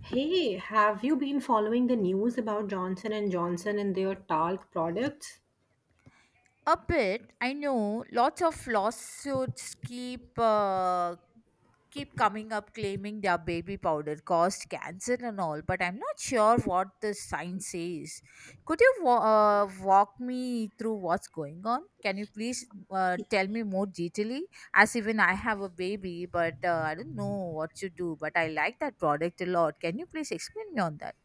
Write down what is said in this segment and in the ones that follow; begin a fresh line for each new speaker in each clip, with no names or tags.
Hey, have you been following the news about Johnson and Johnson and their talc products?
A bit. I know lots of lawsuits keep coming up claiming their baby powder caused cancer and all, but I'm not sure what the science says. Could you wa- Walk me through what's going on? Can you please tell me more detailedly? As even I have a baby, but I don't know what to do. But I like that product a lot. Can you please explain me on that?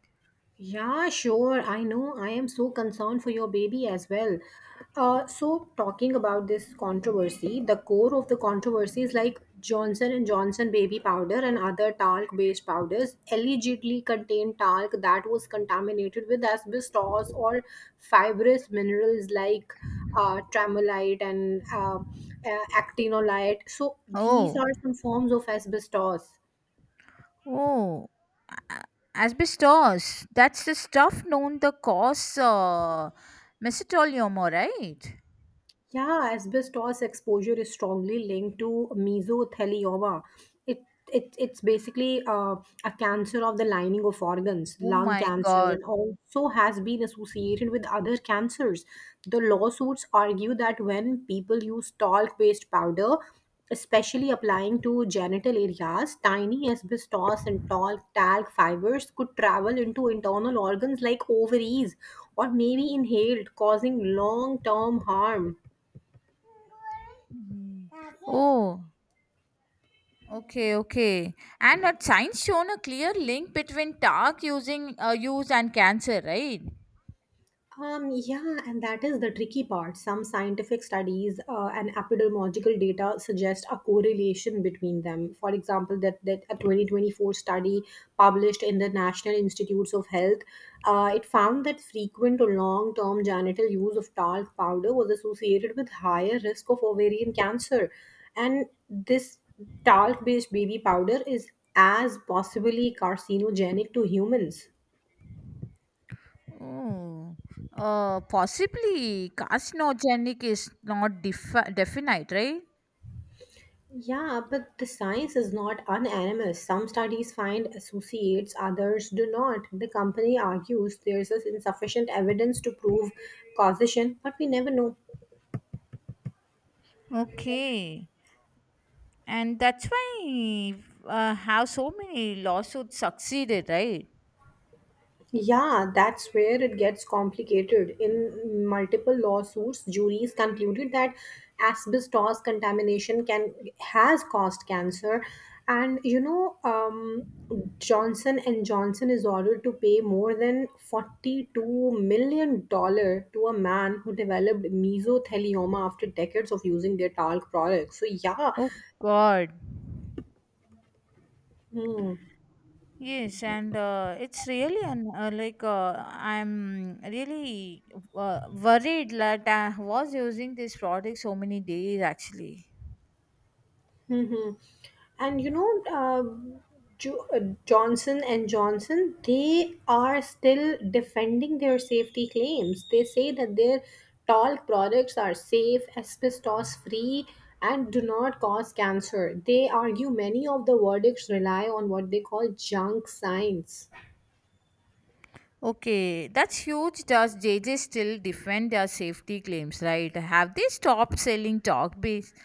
Yeah, sure. I know. I am so concerned for your baby as well. So talking about this controversy, the core of the controversy is like Johnson and Johnson baby powder and other talc-based powders allegedly contain talc that was contaminated with asbestos or fibrous minerals like tremolite and actinolite. So these
Oh.
are some forms of asbestos.
Oh, a- asbestos. That's the stuff known the cause mesothelioma, right?
Yeah, asbestos exposure is strongly linked to mesothelioma. It, it's basically a cancer of the lining of organs,
Oh
lung
my
cancer,
God.
and also has been associated with other cancers. The lawsuits argue that when people use talc-based powder, especially applying to genital areas, tiny asbestos and talc fibers could travel into internal organs like ovaries or maybe inhaled, causing long-term harm.
Mhm. Oh, okay, okay. And had science shown a clear link between talc using use and cancer, right?
Yeah, and that is the tricky part. Some scientific studies and epidemiological data suggest a correlation between them. For example, that a 2024 study published in the National Institutes of Health, it found that frequent or long-term genital use of talc powder was associated with higher risk of ovarian cancer. And this talc-based baby powder is as possibly carcinogenic to humans.
Oh, possibly carcinogenic is not definite, right?
Yeah, but the science is not unanimous. Some studies find associates, others do not. The company argues there is insufficient evidence to prove causation, but we never know.
Okay. And that's why how so many lawsuits succeeded, right?
Yeah, that's where it gets complicated. In multiple lawsuits, juries concluded that asbestos contamination can has caused cancer, and Johnson and Johnson is ordered to pay more than 42 million dollar to a man who developed mesothelioma after decades of using their talc products. So yeah,
Oh God.
mm-hmm.
Yes, and it's really an, like I'm really worried that I was using this product so many days actually.
and you know Jo- uh, johnson and johnson they are still defending their safety claims. They say that their talc products are safe, asbestos free, and do not cause cancer. They argue many of the verdicts rely on what they call junk science.
Okay, that's huge. Does J J still defend their safety claims, right? Have they stopped selling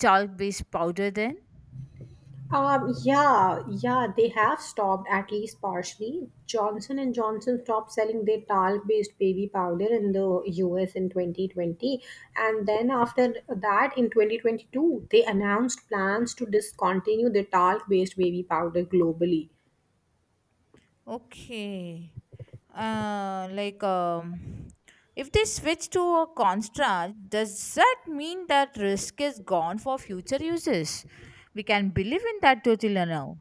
chalk based powder then?
Yeah, they have stopped at least partially. Johnson and Johnson stopped selling their talc-based baby powder in the US in 2020, and then after that, in 2022, they announced plans to discontinue the talc-based baby powder globally.
Okay. Uh, like, um, if they switch to a construct, does that mean that risk is gone for future uses? We can believe in that totally now.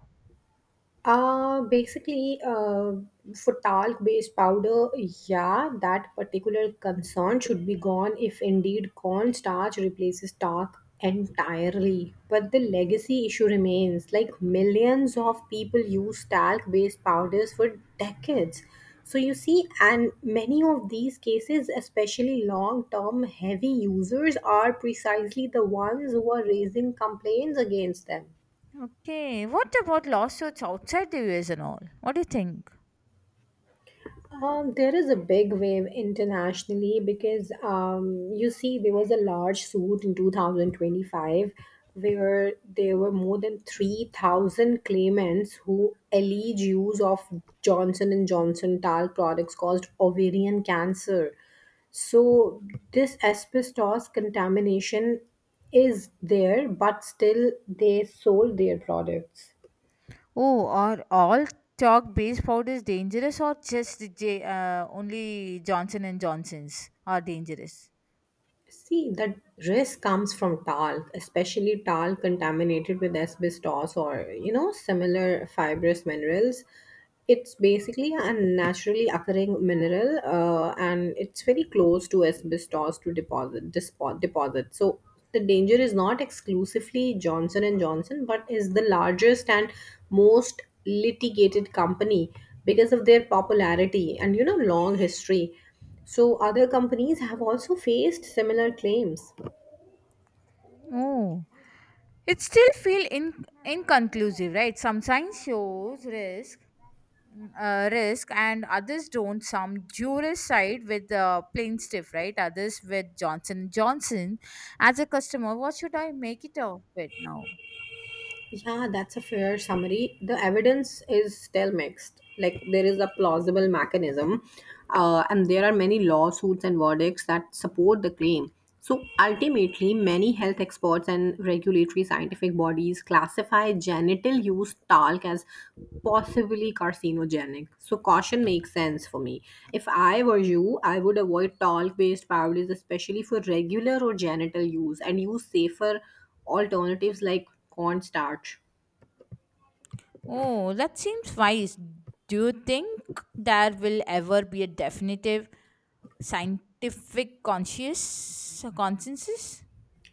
Basically, for talc-based powder, yeah, that particular concern should be gone if indeed cornstarch replaces talc entirely. But the legacy issue remains. Like millions of people use talc-based powders for decades. So you see, and many of these cases, especially long-term heavy users, are precisely the ones who are raising complaints against them.
Okay. What about lawsuits outside the US and all? What do you think?
There is a big wave internationally because you see, there was a large suit in 2025 where there were more than 3,000 claimants who alleged use of Johnson and Johnson talc products caused ovarian cancer. So this asbestos contamination is there, but still they sold their products.
Oh, are all chalk based powders dangerous or just only Johnson and Johnson's are dangerous?
See, that risk comes from talc, especially talc contaminated with asbestos or, you know, similar fibrous minerals. It's basically a naturally occurring mineral and it's very close to asbestos to deposit, deposit. So the danger is not exclusively Johnson and Johnson, but is the largest and most litigated company because of their popularity and, you know, long history. So other companies have also faced similar claims.
Oh. It still feel in, Inconclusive, right? Some science shows risk, and others don't. Some jurists side with plaintiff, right? Others with Johnson Johnson. As a customer, what should I make it of it now?
Yeah, that's a fair summary. The evidence is still mixed. Like there is a plausible mechanism, and there are many lawsuits and verdicts that support the claim. So ultimately, many health experts and regulatory scientific bodies classify genital use talc as possibly carcinogenic. So caution makes sense for me. If I were you, I would avoid talc-based powders, especially for regular or genital use, and use safer alternatives like cornstarch.
Oh, that seems wise. Do you think there will ever be a definitive scientific conscious consensus?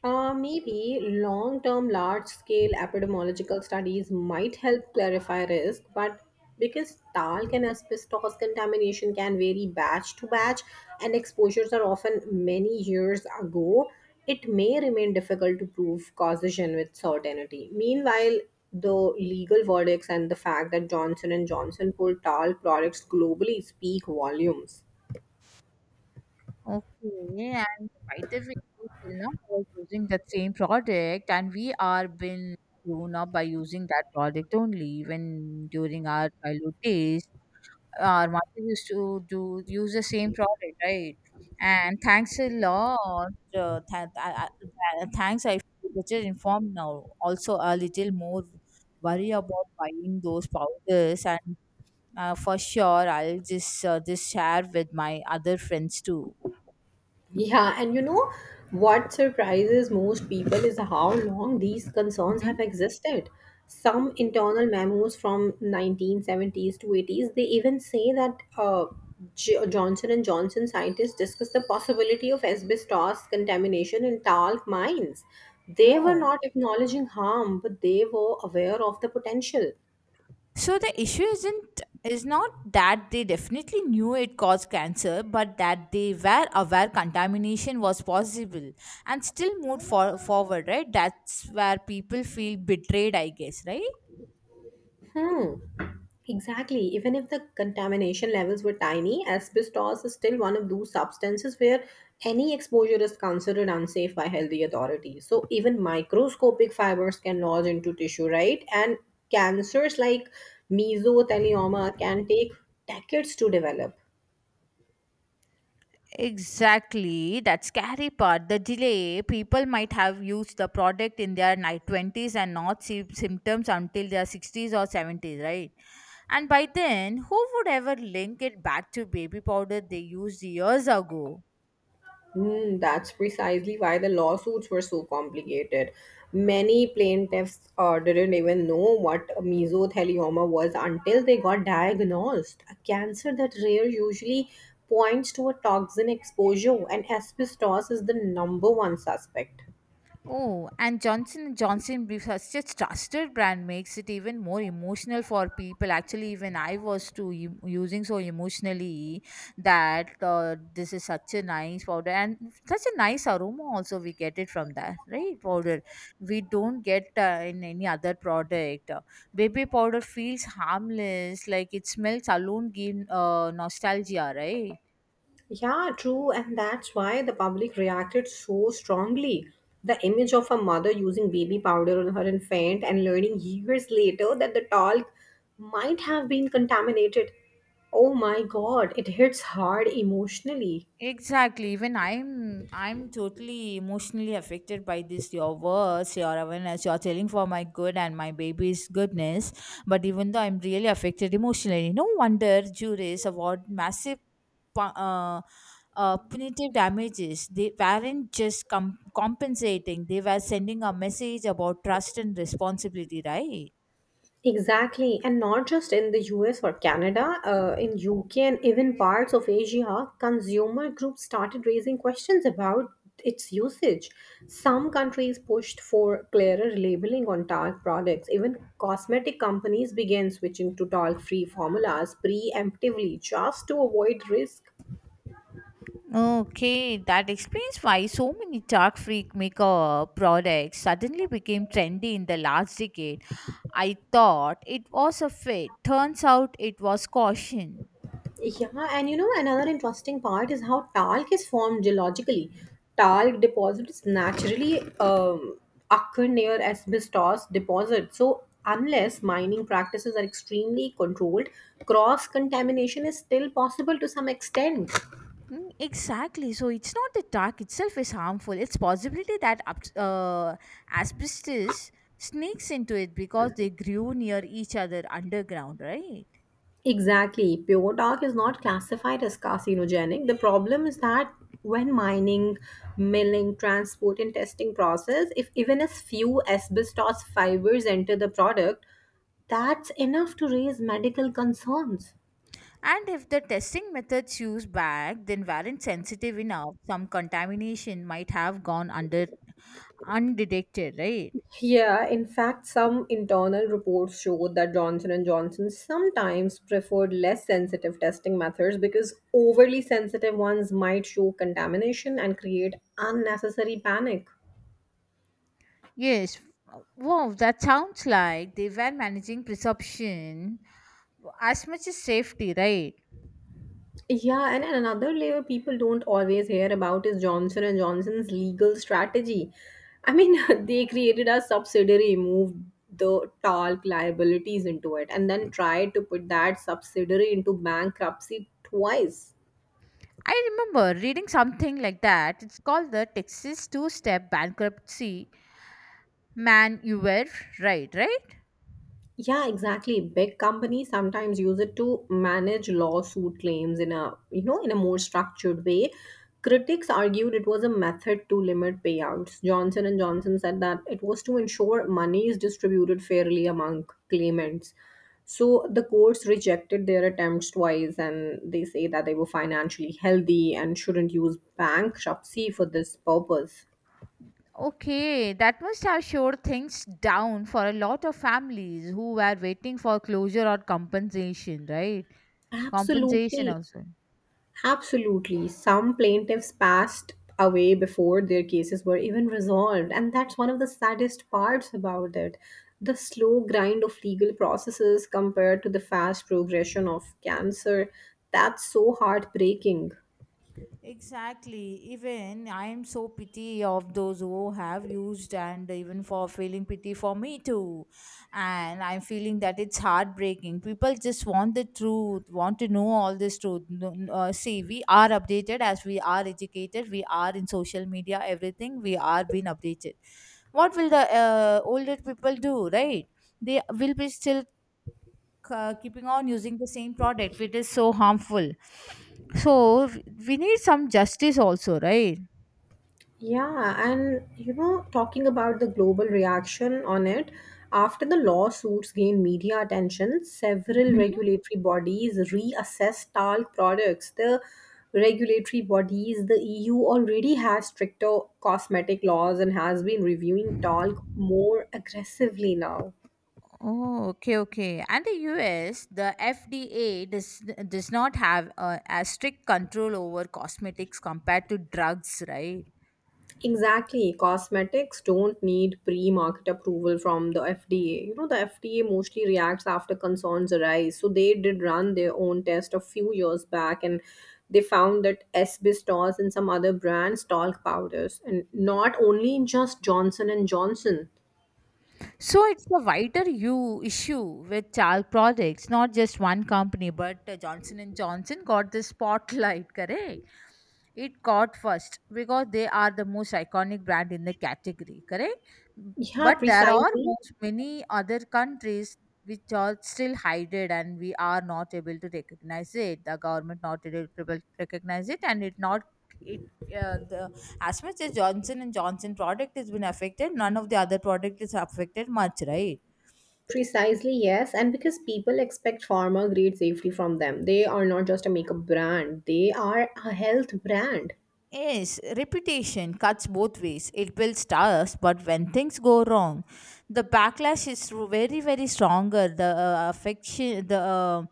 Maybe long term, large scale epidemiological studies might help clarify risk, but because talc and asbestos contamination can vary batch to batch and exposures are often many years ago, it may remain difficult to prove causation with certainty. Meanwhile, the legal verdicts and the fact that Johnson and Johnson pulled talc products globally speak volumes.
Okay, and by the way, till now I was using that same product, and we are been grown up by using that product only. Even during our childhood days, our mother used to do use the same product, right? And thanks a lot. Thanks, I feel better informed now. Also, a little more worry about buying those powders, and for sure, I'll just share with my other friends too.
Yeah, and you know what surprises most people is how long these concerns
Mhm.
have existed. Some internal memos from 1970s to 80s, they even say that Johnson and Johnson scientists discussed the possibility of asbestos contamination in talc mines. They were not
Oh.
acknowledging harm, but they were aware of the potential.
So the issue isn't is not that they definitely knew it caused cancer, but that they were aware contamination was possible and still forward, right? That's where people feel betrayed, I guess, right?
Hmm. Exactly. Even if the contamination levels were tiny, asbestos is still one of those substances where any exposure is considered unsafe by healthy authorities. So even microscopic fibers can lodge into tissue, right? And cancers like mesothelioma can take decades to develop.
Exactly, that scary part. The delay, people might have used the product in their night 20s and not see symptoms until their 60s or 70s, right? And by then, who would ever link it back to baby powder they used years ago?
Hmm, that's precisely why the lawsuits were so complicated. Many plaintiffs didn't even know what mesothelioma was until they got diagnosed. A cancer that rare usually points to a toxin exposure, and asbestos is the number one suspect.
Oh, and johnson Johnson Brief, such a trusted brand, makes it even more emotional for people. Actually, even I was using so emotionally that this is such a nice powder and such a nice aroma. Also, we get it from that right powder. We don't get in any other product. Baby powder feels harmless, like it smells alone, give nostalgia, right?
Yeah, true, and that's why the public reacted so strongly. The image of a mother using baby powder on her infant and learning years later that the talc might have been contaminated. Oh my god, it hits hard emotionally.
Exactly. Even I'm totally emotionally affected by this, your words, your awareness, you're telling for my good and my baby's goodness. But even though I'm really affected emotionally, no wonder juries award massive pu- uh, punitive damages. They weren't just compensating; they were sending a message about trust and responsibility, right?
Exactly, and not just in the US or Canada, in UK and even parts of Asia, consumer groups started raising questions about its usage. Some countries pushed for clearer labeling on talc products. Even cosmetic companies began switching to talc free formulas preemptively just to avoid risk.
Okay, that explains why so many dark freak maker products suddenly became trendy in the last decade. I thought it was a fit. Turns out it was caution.
Yeah, and you know, another interesting part is how talc is formed geologically. Talc deposits naturally occur near asbestos deposits. So, unless mining practices are extremely controlled, cross contamination is still possible to some extent.
Mm, exactly. So it's not the dark itself is harmful. It's possibility that asbestos sneaks into it because they grew near each other underground, right?
Exactly. Pure talc is not classified as carcinogenic. The problem is that when mining, milling, transport, and testing process, if even as few asbestos fibers enter the product, that's enough to raise medical concerns.
And if the testing methods used back then weren't sensitive enough, some contamination might have gone under undetected, right?
Yeah, in fact, some internal reports showed that Johnson and Johnson sometimes preferred less sensitive testing methods because overly sensitive ones might show contamination and create unnecessary panic.
Yes. Wow, that sounds like they were managing perception as much as safety, right?
Yeah, and another layer people don't always hear about is Johnson and Johnson's legal strategy. I mean, they created a subsidiary, moved the talc liabilities into it, and then tried to put that subsidiary into bankruptcy twice.
I remember reading something like that. It's called the Texas Two Step Bankruptcy. Man, you were right, right?
Yeah, exactly. Big companies sometimes use it to manage lawsuit claims in a, you know, in a more structured way. Critics argued it was a method to limit payouts. Johnson and Johnson said that it was to ensure money is distributed fairly among claimants. So the courts rejected their attempts twice and they say that they were financially healthy and shouldn't use bankruptcy for this purpose.
Okay, that must have showed things down for a lot of families who were waiting for closure or compensation, right? Compensation
Absolutely.
also.
Absolutely. Some plaintiffs passed away before their cases were even resolved, and that's one of the saddest parts about it. The slow grind of legal processes compared to the fast progression of cancer. That's so heartbreaking.
Exactly. Even I am so pity of those who have used and even for feeling pity for me too. And I'm feeling that it's heartbreaking. People just want the truth, want to know all this truth. See, we are updated as we are educated. We are in social media, everything. We are being updated. What will the older people do, right? They will be still keeping on using the same product which is so harmful, so we need some justice also, right?
Yeah, and you know, talking about the global reaction on it, after the lawsuits gained media attention, several
Mhm.
regulatory bodies reassessed talc products. The regulatory bodies, the EU already has stricter cosmetic laws and has been reviewing talc more aggressively now.
Oh, okay, okay. And the US, the FDA does not have as strict control over cosmetics compared to drugs, right?
Exactly. Cosmetics don't need pre market approval from the FDA. You know, the FDA mostly reacts after concerns arise. So they did run their own test a few years back and they found that asbestos and some other brands talc powders and not only in just Johnson and Johnson.
So it's a wider you issue with child products, not just one company, but Johnson and Johnson got the spotlight, correct? It got first because they are the most iconic brand in the category, correct?
Yeah,
But there are
precisely.
most many other countries which are still hidden and we are not able to recognize it. The government not able to recognize it, and it not it the as much as johnson and johnson product has been affected, none of the other product is affected much, right?
Precisely, yes. And because people expect pharma grade safety from them, they are not just a makeup brand, they are a health brand.
Yes, reputation cuts both ways. It builds stars, but when things go wrong, the backlash is very, very stronger. The affection, the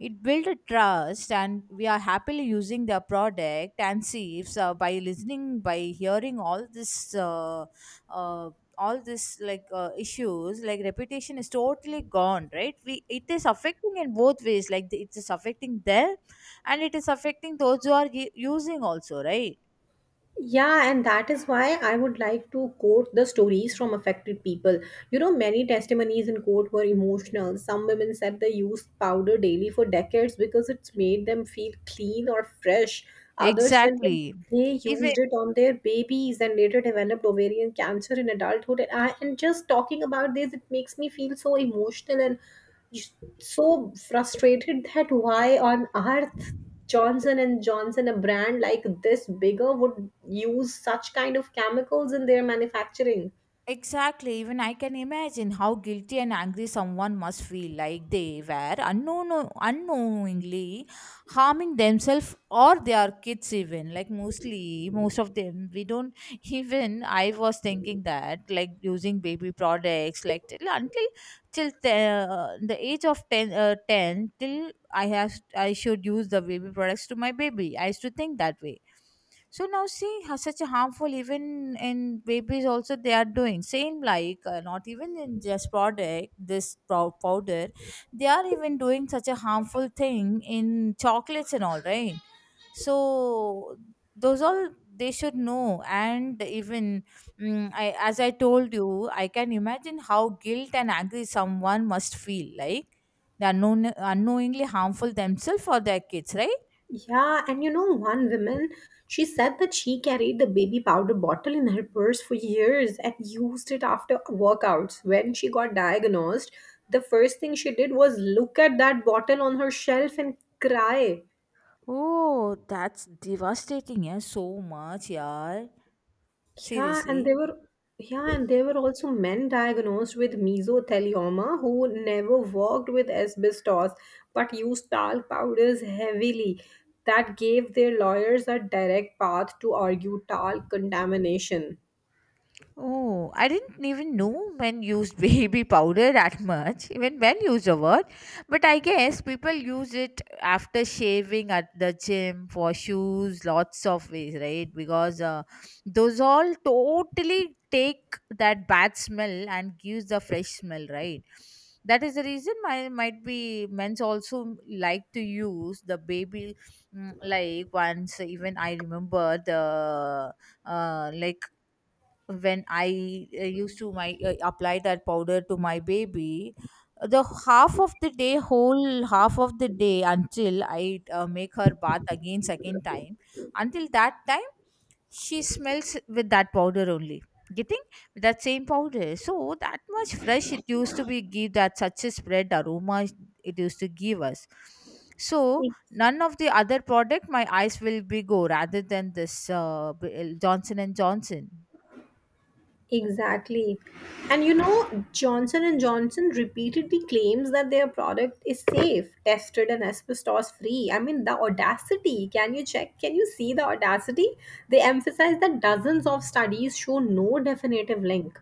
it builds a trust, and we are happily using their product and see if by listening, by hearing all uh, all this like issues, like reputation is totally gone, right? We it is affecting in both ways. Like it is affecting them, and it is affecting those who are using also, right?
Yeah, and that is why I would like to quote the stories from affected people. You know, many testimonies in court were emotional. Some women said they used powder daily for decades because it's made them feel clean or fresh. Others said that
Exactly.
they
Even
used it on their babies and later developed ovarian cancer in adulthood. And just talking about this, it makes me feel so emotional and so frustrated that why on earth Johnson and Johnson, a brand like this bigger, would use such kind of chemicals in their manufacturing.
exactly, even I can imagine how guilty and angry someone must feel like they were unknowingly harming themselves or their kids, even. Like, mostly, most of them, we don't even. I was thinking that, like, using baby products, like, until the age of 10, 10 till I should use the baby products to my baby. I used to think that way, so now see how such a harmful even in babies also they are doing same like not even in just product this powder, they are even doing such a harmful thing in chocolates and all, right? So those all they should know, and even I, as I told you, I can imagine how guilt and angry someone must feel like they are unknowingly harmful themselves or their kids, right?
Yeah, and you know, one woman, she said that she carried the baby powder bottle in her purse for years and used it after workouts. When she got diagnosed, the first thing she did was look at that bottle on her shelf and cry.
Oh, that's devastating, yeah. So much, yeah.
Yeah, and they
Seriously.
were yeah, and there were also men diagnosed with mesothelioma who never worked with asbestos but used talc powders heavily. That gave their lawyers a direct path to argue talc contamination.
Oh, I didn't even know men used baby powder that much. Even men use the word. But I guess people use it after shaving at the gym for shoes, lots of ways, right? Because those all totally take that bad smell and gives the fresh smell, right? That is the reason my might be men's also like to use the baby like once even I remember the like when I used to my apply that powder to my baby, the half of the day, whole half of the day until I make her bath again second time, until that time she smells with that powder only. Getting with that same powder, so that much fresh it used to be give that such a spread aroma it used to give us. So none of the other product my eyes will be go rather than this Johnson and Johnson.
Exactly. And you know, Johnson and Johnson repeatedly claims that their product is safe, tested and asbestos free. I mean, the audacity. Can you check? Can you see the audacity? They emphasize that dozens of studies show no definitive link.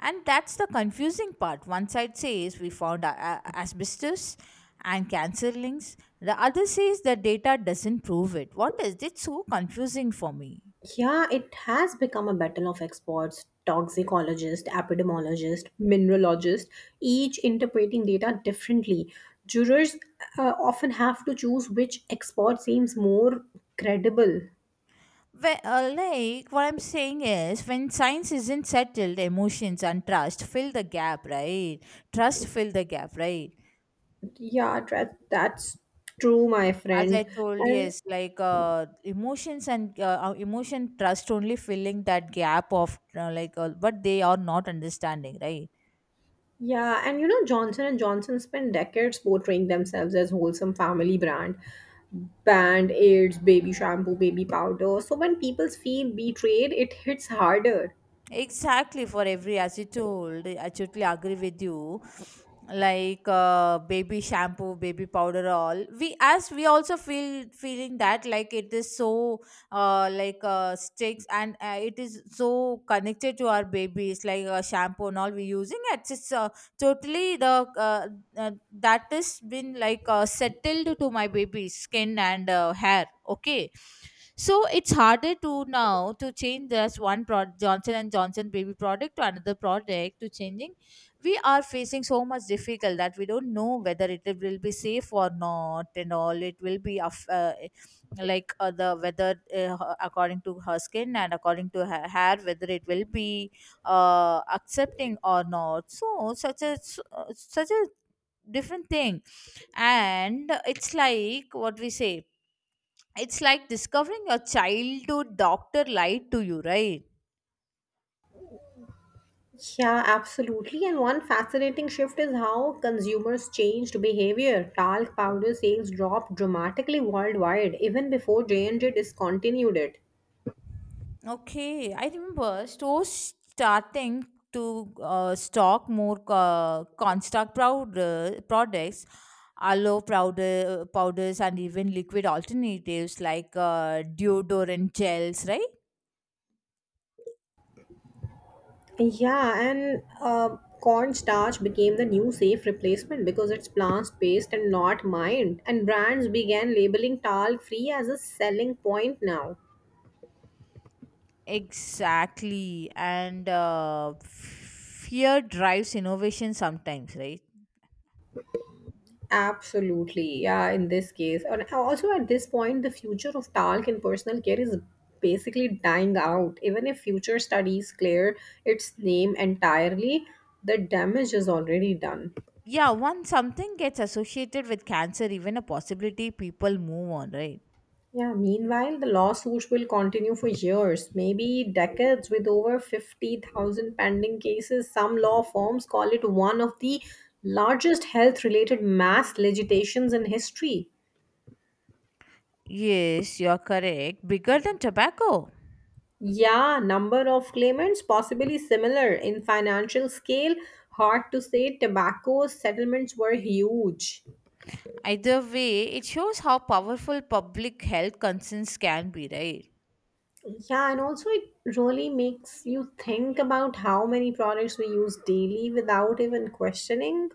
And that's the confusing part. One side says we found asbestos and cancer links, the other says the data doesn't prove it. What is it? So confusing for me.
Yeah, it has become a battle of experts, toxicologists, epidemiologists, mineralogists, each interpreting data differently. Jurors often have to choose which expert seems more credible.
Like, what I'm saying is, when science isn't settled, emotions and trust fill the gap, right? Trust fill the gap, right?
Yeah, that's true, my
As
friend.
I told,
And
yes, like emotions and emotion trust only filling that gap of but they are not understanding, right?
yeah, and you know, Johnson and Johnson spent decades portraying themselves as wholesome family brand. Band aids, baby shampoo, baby powder. So when people feel betrayed, it hits harder.
Exactly for every as you told, I totally agree with you. Like baby shampoo, baby powder, all we as we also feel feeling that like it is so sticks, and it is so connected to our babies like shampoo and all we using it's just, totally the that has been like settled to my baby's skin and hair. Okay, so it's harder to now to change this one product, Johnson and Johnson baby product, to another product to changing. We are facing so much difficult that we don't know whether it will be safe or not, and all it will be of the whether according to her skin and according to her hair whether it will be accepting or not. So such a such a different thing. And it's like what we say, it's like discovering your childhood doctor lied to you, right?
Yeah, absolutely. And one fascinating shift is how consumers changed behavior. Talc powder sales dropped dramatically worldwide, even before J&J discontinued it.
Okay, I remember stores starting to stock more construct powder products, aloe powder powders, and even liquid alternatives like deodorant gels, right?
Yeah, and cornstarch became the new safe replacement because it's plant-based and not mined, and brands began labeling talc-free as a selling point now.
Exactly, and fear drives innovation sometimes, right?
Absolutely, yeah, in this case. And also at this point, the future of talc in personal care is basically dying out. Even if future studies clear its name entirely, the damage is already done.
Yeah, once something gets associated with cancer, even a possibility, people move on, right?
Yeah, meanwhile, the lawsuits will continue for years, maybe decades, with over 50,000 pending cases. Some law firms call it one of the largest health related mass litigations in history.
Yes, you're correct, bigger than tobacco.
Yeah, number of claimants possibly similar in financial scale. Hard to say, tobacco settlements were huge.
Either way, it shows how powerful public health concerns can be, right?
Yeah, and also it really makes you think about how many products we use daily without even questioning.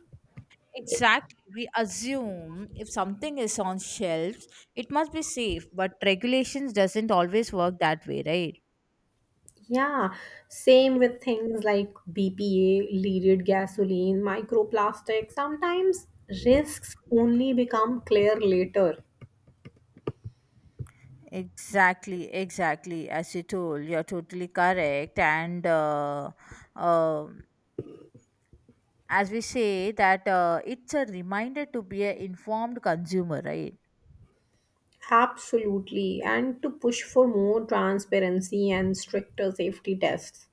Exactly, we assume if something is on shelves it must be safe, but regulations doesn't always work that way, right?
Yeah, same with things like BPA, leaded gasoline, microplastics. Sometimes risks only become clear later.
Exactly, exactly. As you told, you're totally correct. And uh, as we say that it's a reminder to be an informed consumer, right?
Absolutely. And to push for more transparency and stricter safety tests.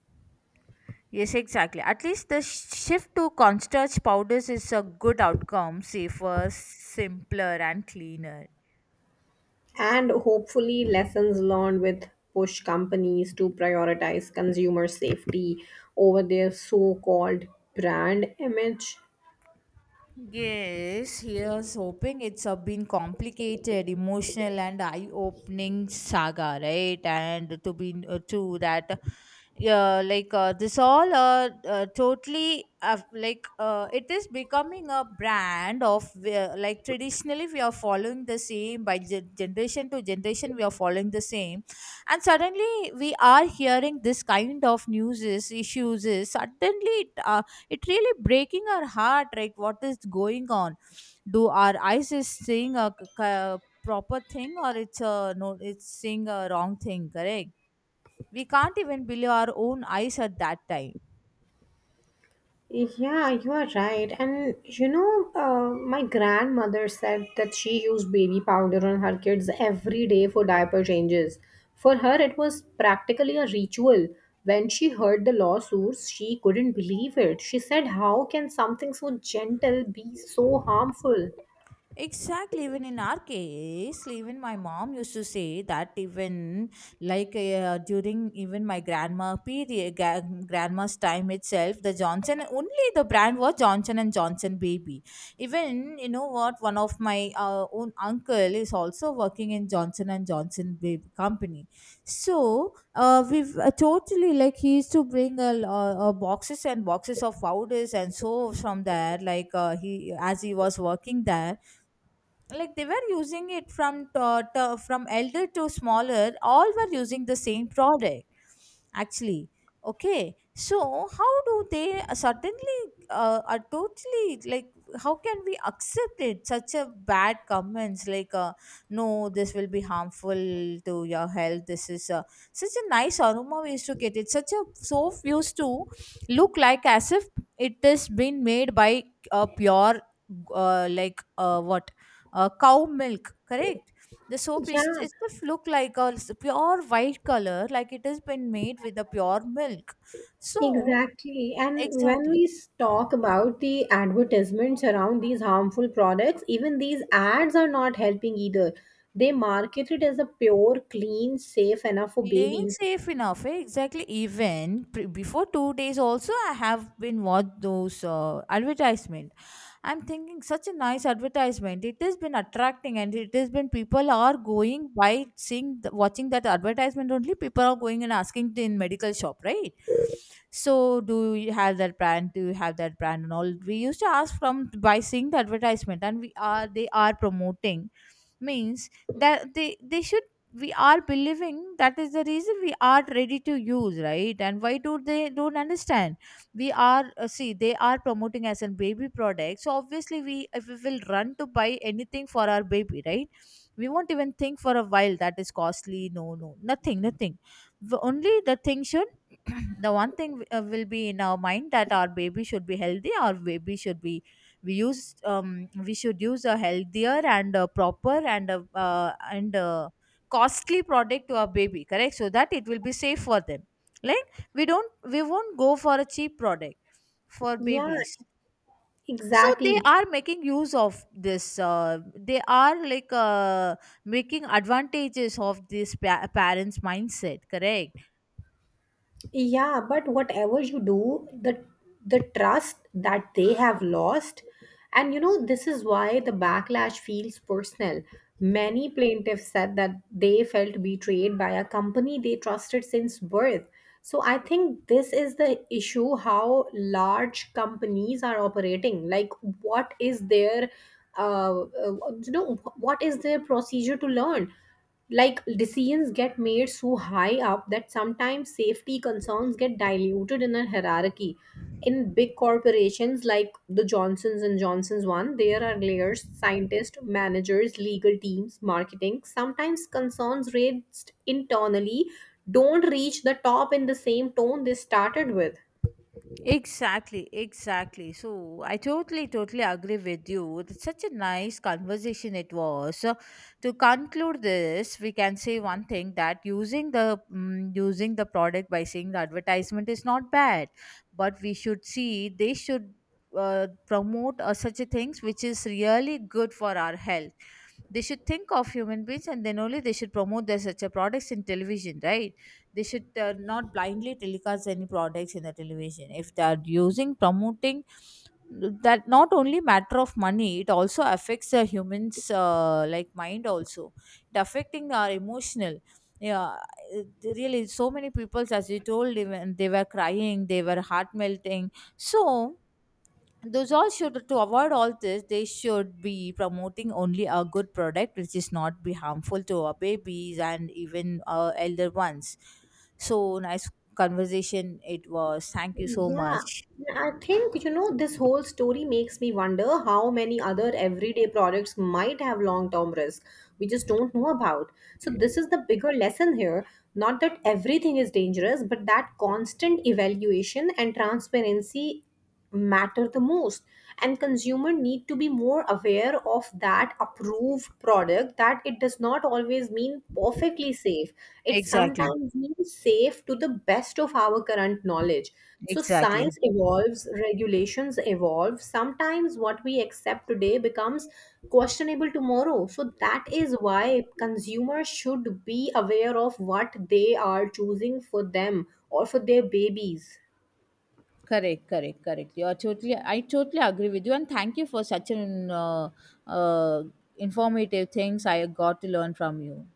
Yes, exactly, at least the shift to cornstarch powders is a good outcome, safer, simpler, and cleaner.
And hopefully, lessons learned with push companies to prioritize consumer safety over their so called brand image.
Yes, here's hoping it's a been complicated, emotional, and eye-opening saga, right? And to be true that, yeah, like this all totally like it is becoming a brand of like traditionally we are following the same, by generation to generation we are following the same, and suddenly we are hearing this kind of news issues. Is suddenly it it really breaking our heart, like what is going on? Do our eyes is seeing a proper thing, or it's a no, it's seeing a wrong thing, correct? We can't even believe our own eyes at that time.
Yeah, you are right. And my grandmother said that she used baby powder on her kids every day for diaper changes. For her, it was practically a ritual. When she heard the lawsuits, she couldn't believe it. She said, "How can something so gentle be so harmful?"
Exactly. Even in our case, even my mom used to say that even like during even my grandma period, grandma's time itself, the Johnson only the brand was Johnson and Johnson baby. Even you know what, one of my own uncle is also working in Johnson and Johnson baby company. So we've totally like he used to bring boxes and boxes of powders and soaps from there. Like he as he was working there, like they were using it from to, from elder to smaller, all were using the same product actually. Okay, so how do they suddenly are totally like, how can we accept it such a bad comments, like no, this will be harmful to your health? This is such a nice aroma we used to get it, such a soap used to look like as if it has been made by a pure like what cow milk, correct? The soap is
Yeah,
it just look like a pure white color, like it has been made with the pure milk. So
exactly. And when
exactly,
talk about the advertisements around these harmful products, even these ads are not helping either. They market it as a pure, clean, safe enough for
plain
babies.
safe enough. Eh, exactly. Even before 2 days, also I have been watched those advertisement. I'm thinking such a nice advertisement. It has been attracting, and it has been people are going by seeing, the, watching that advertisement only. People are going and asking in medical shop, right? So, do you have that brand? Do you have that brand and all? We used to ask from by seeing the advertisement, and we are they are promoting means that they should, we are believing, that is the reason we are ready to use, right? And why do they don't understand? We are see they are promoting as a baby product, so obviously we if we will run to buy anything for our baby, right? We won't even think for a while that is costly, no, no, nothing, nothing. The only the thing should the one thing will be in our mind that our baby should be healthy, our baby should be, we use, um we should use a healthier and a proper and a uh, and a costly product to our baby, correct? So that it will be safe for them. Like we don't, we won't go for a cheap product for
Yeah,
babies. So they
exactly.
are making use of this they are like making advantages of this parents mindset, correct?
Yeah, but whatever you do, the trust that they have lost, and this is why the backlash feels personal. Many plaintiffs said that they felt betrayed by a company they trusted since birth. So I think this is the issue how large companies are operating. Like, what is their uh, uh, what is their procedure to learn? Like decisions get made so high up that sometimes safety concerns get diluted in a hierarchy in big corporations like the Johnsons and Johnsons one. There are layers, scientists, managers, legal teams, marketing. Sometimes concerns raised internally don't reach the top in the same tone they started with.
Exactly, exactly. So I totally, totally agree with you. It's such a nice conversation it was. So to conclude this, we can say one thing that using the using the product by seeing the advertisement is not bad, but we should see they should promote such a things which is really good for our health. They should think of human beings, and then only they should promote their such a products in television, right? They should not blindly telecast any products in the television. If they are using promoting, that not only matter of money, it also affects the humans, like mind also, it affecting our emotional, yeah. It really, so many people as you told, even they were crying, they were heart melting. So those all should, to avoid all this, they should be promoting only a good product which is not be harmful to our babies and even our elder ones. So nice conversation it was, thank you so
Yeah,
much.
I think, you know, this whole story makes me wonder how many other everyday products might have long-term risk we just don't know about. So this is the bigger lesson here, not that everything is dangerous, but that constant evaluation and transparency matter the most, and consumer need to be more aware of that approved product that it does not always mean perfectly safe. It
Exactly.
sometimes means safe to the best of our current knowledge. So
Exactly.
science evolves, regulations evolve. Sometimes what we accept today becomes questionable tomorrow, so that is why consumers should be aware of what they are choosing for them or for their babies.
Correct, correct, correct, you are totally, I totally agree with you, and thank you for such an uh, informative things I got to learn from you.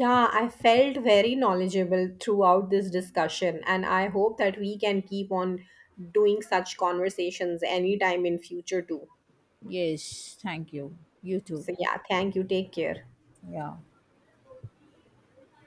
Yeah, I felt very knowledgeable throughout this discussion, and I hope that we can keep on doing such conversations anytime in future too.
Yes, thank you. You too.
So yeah, thank you. Take care.
Yeah.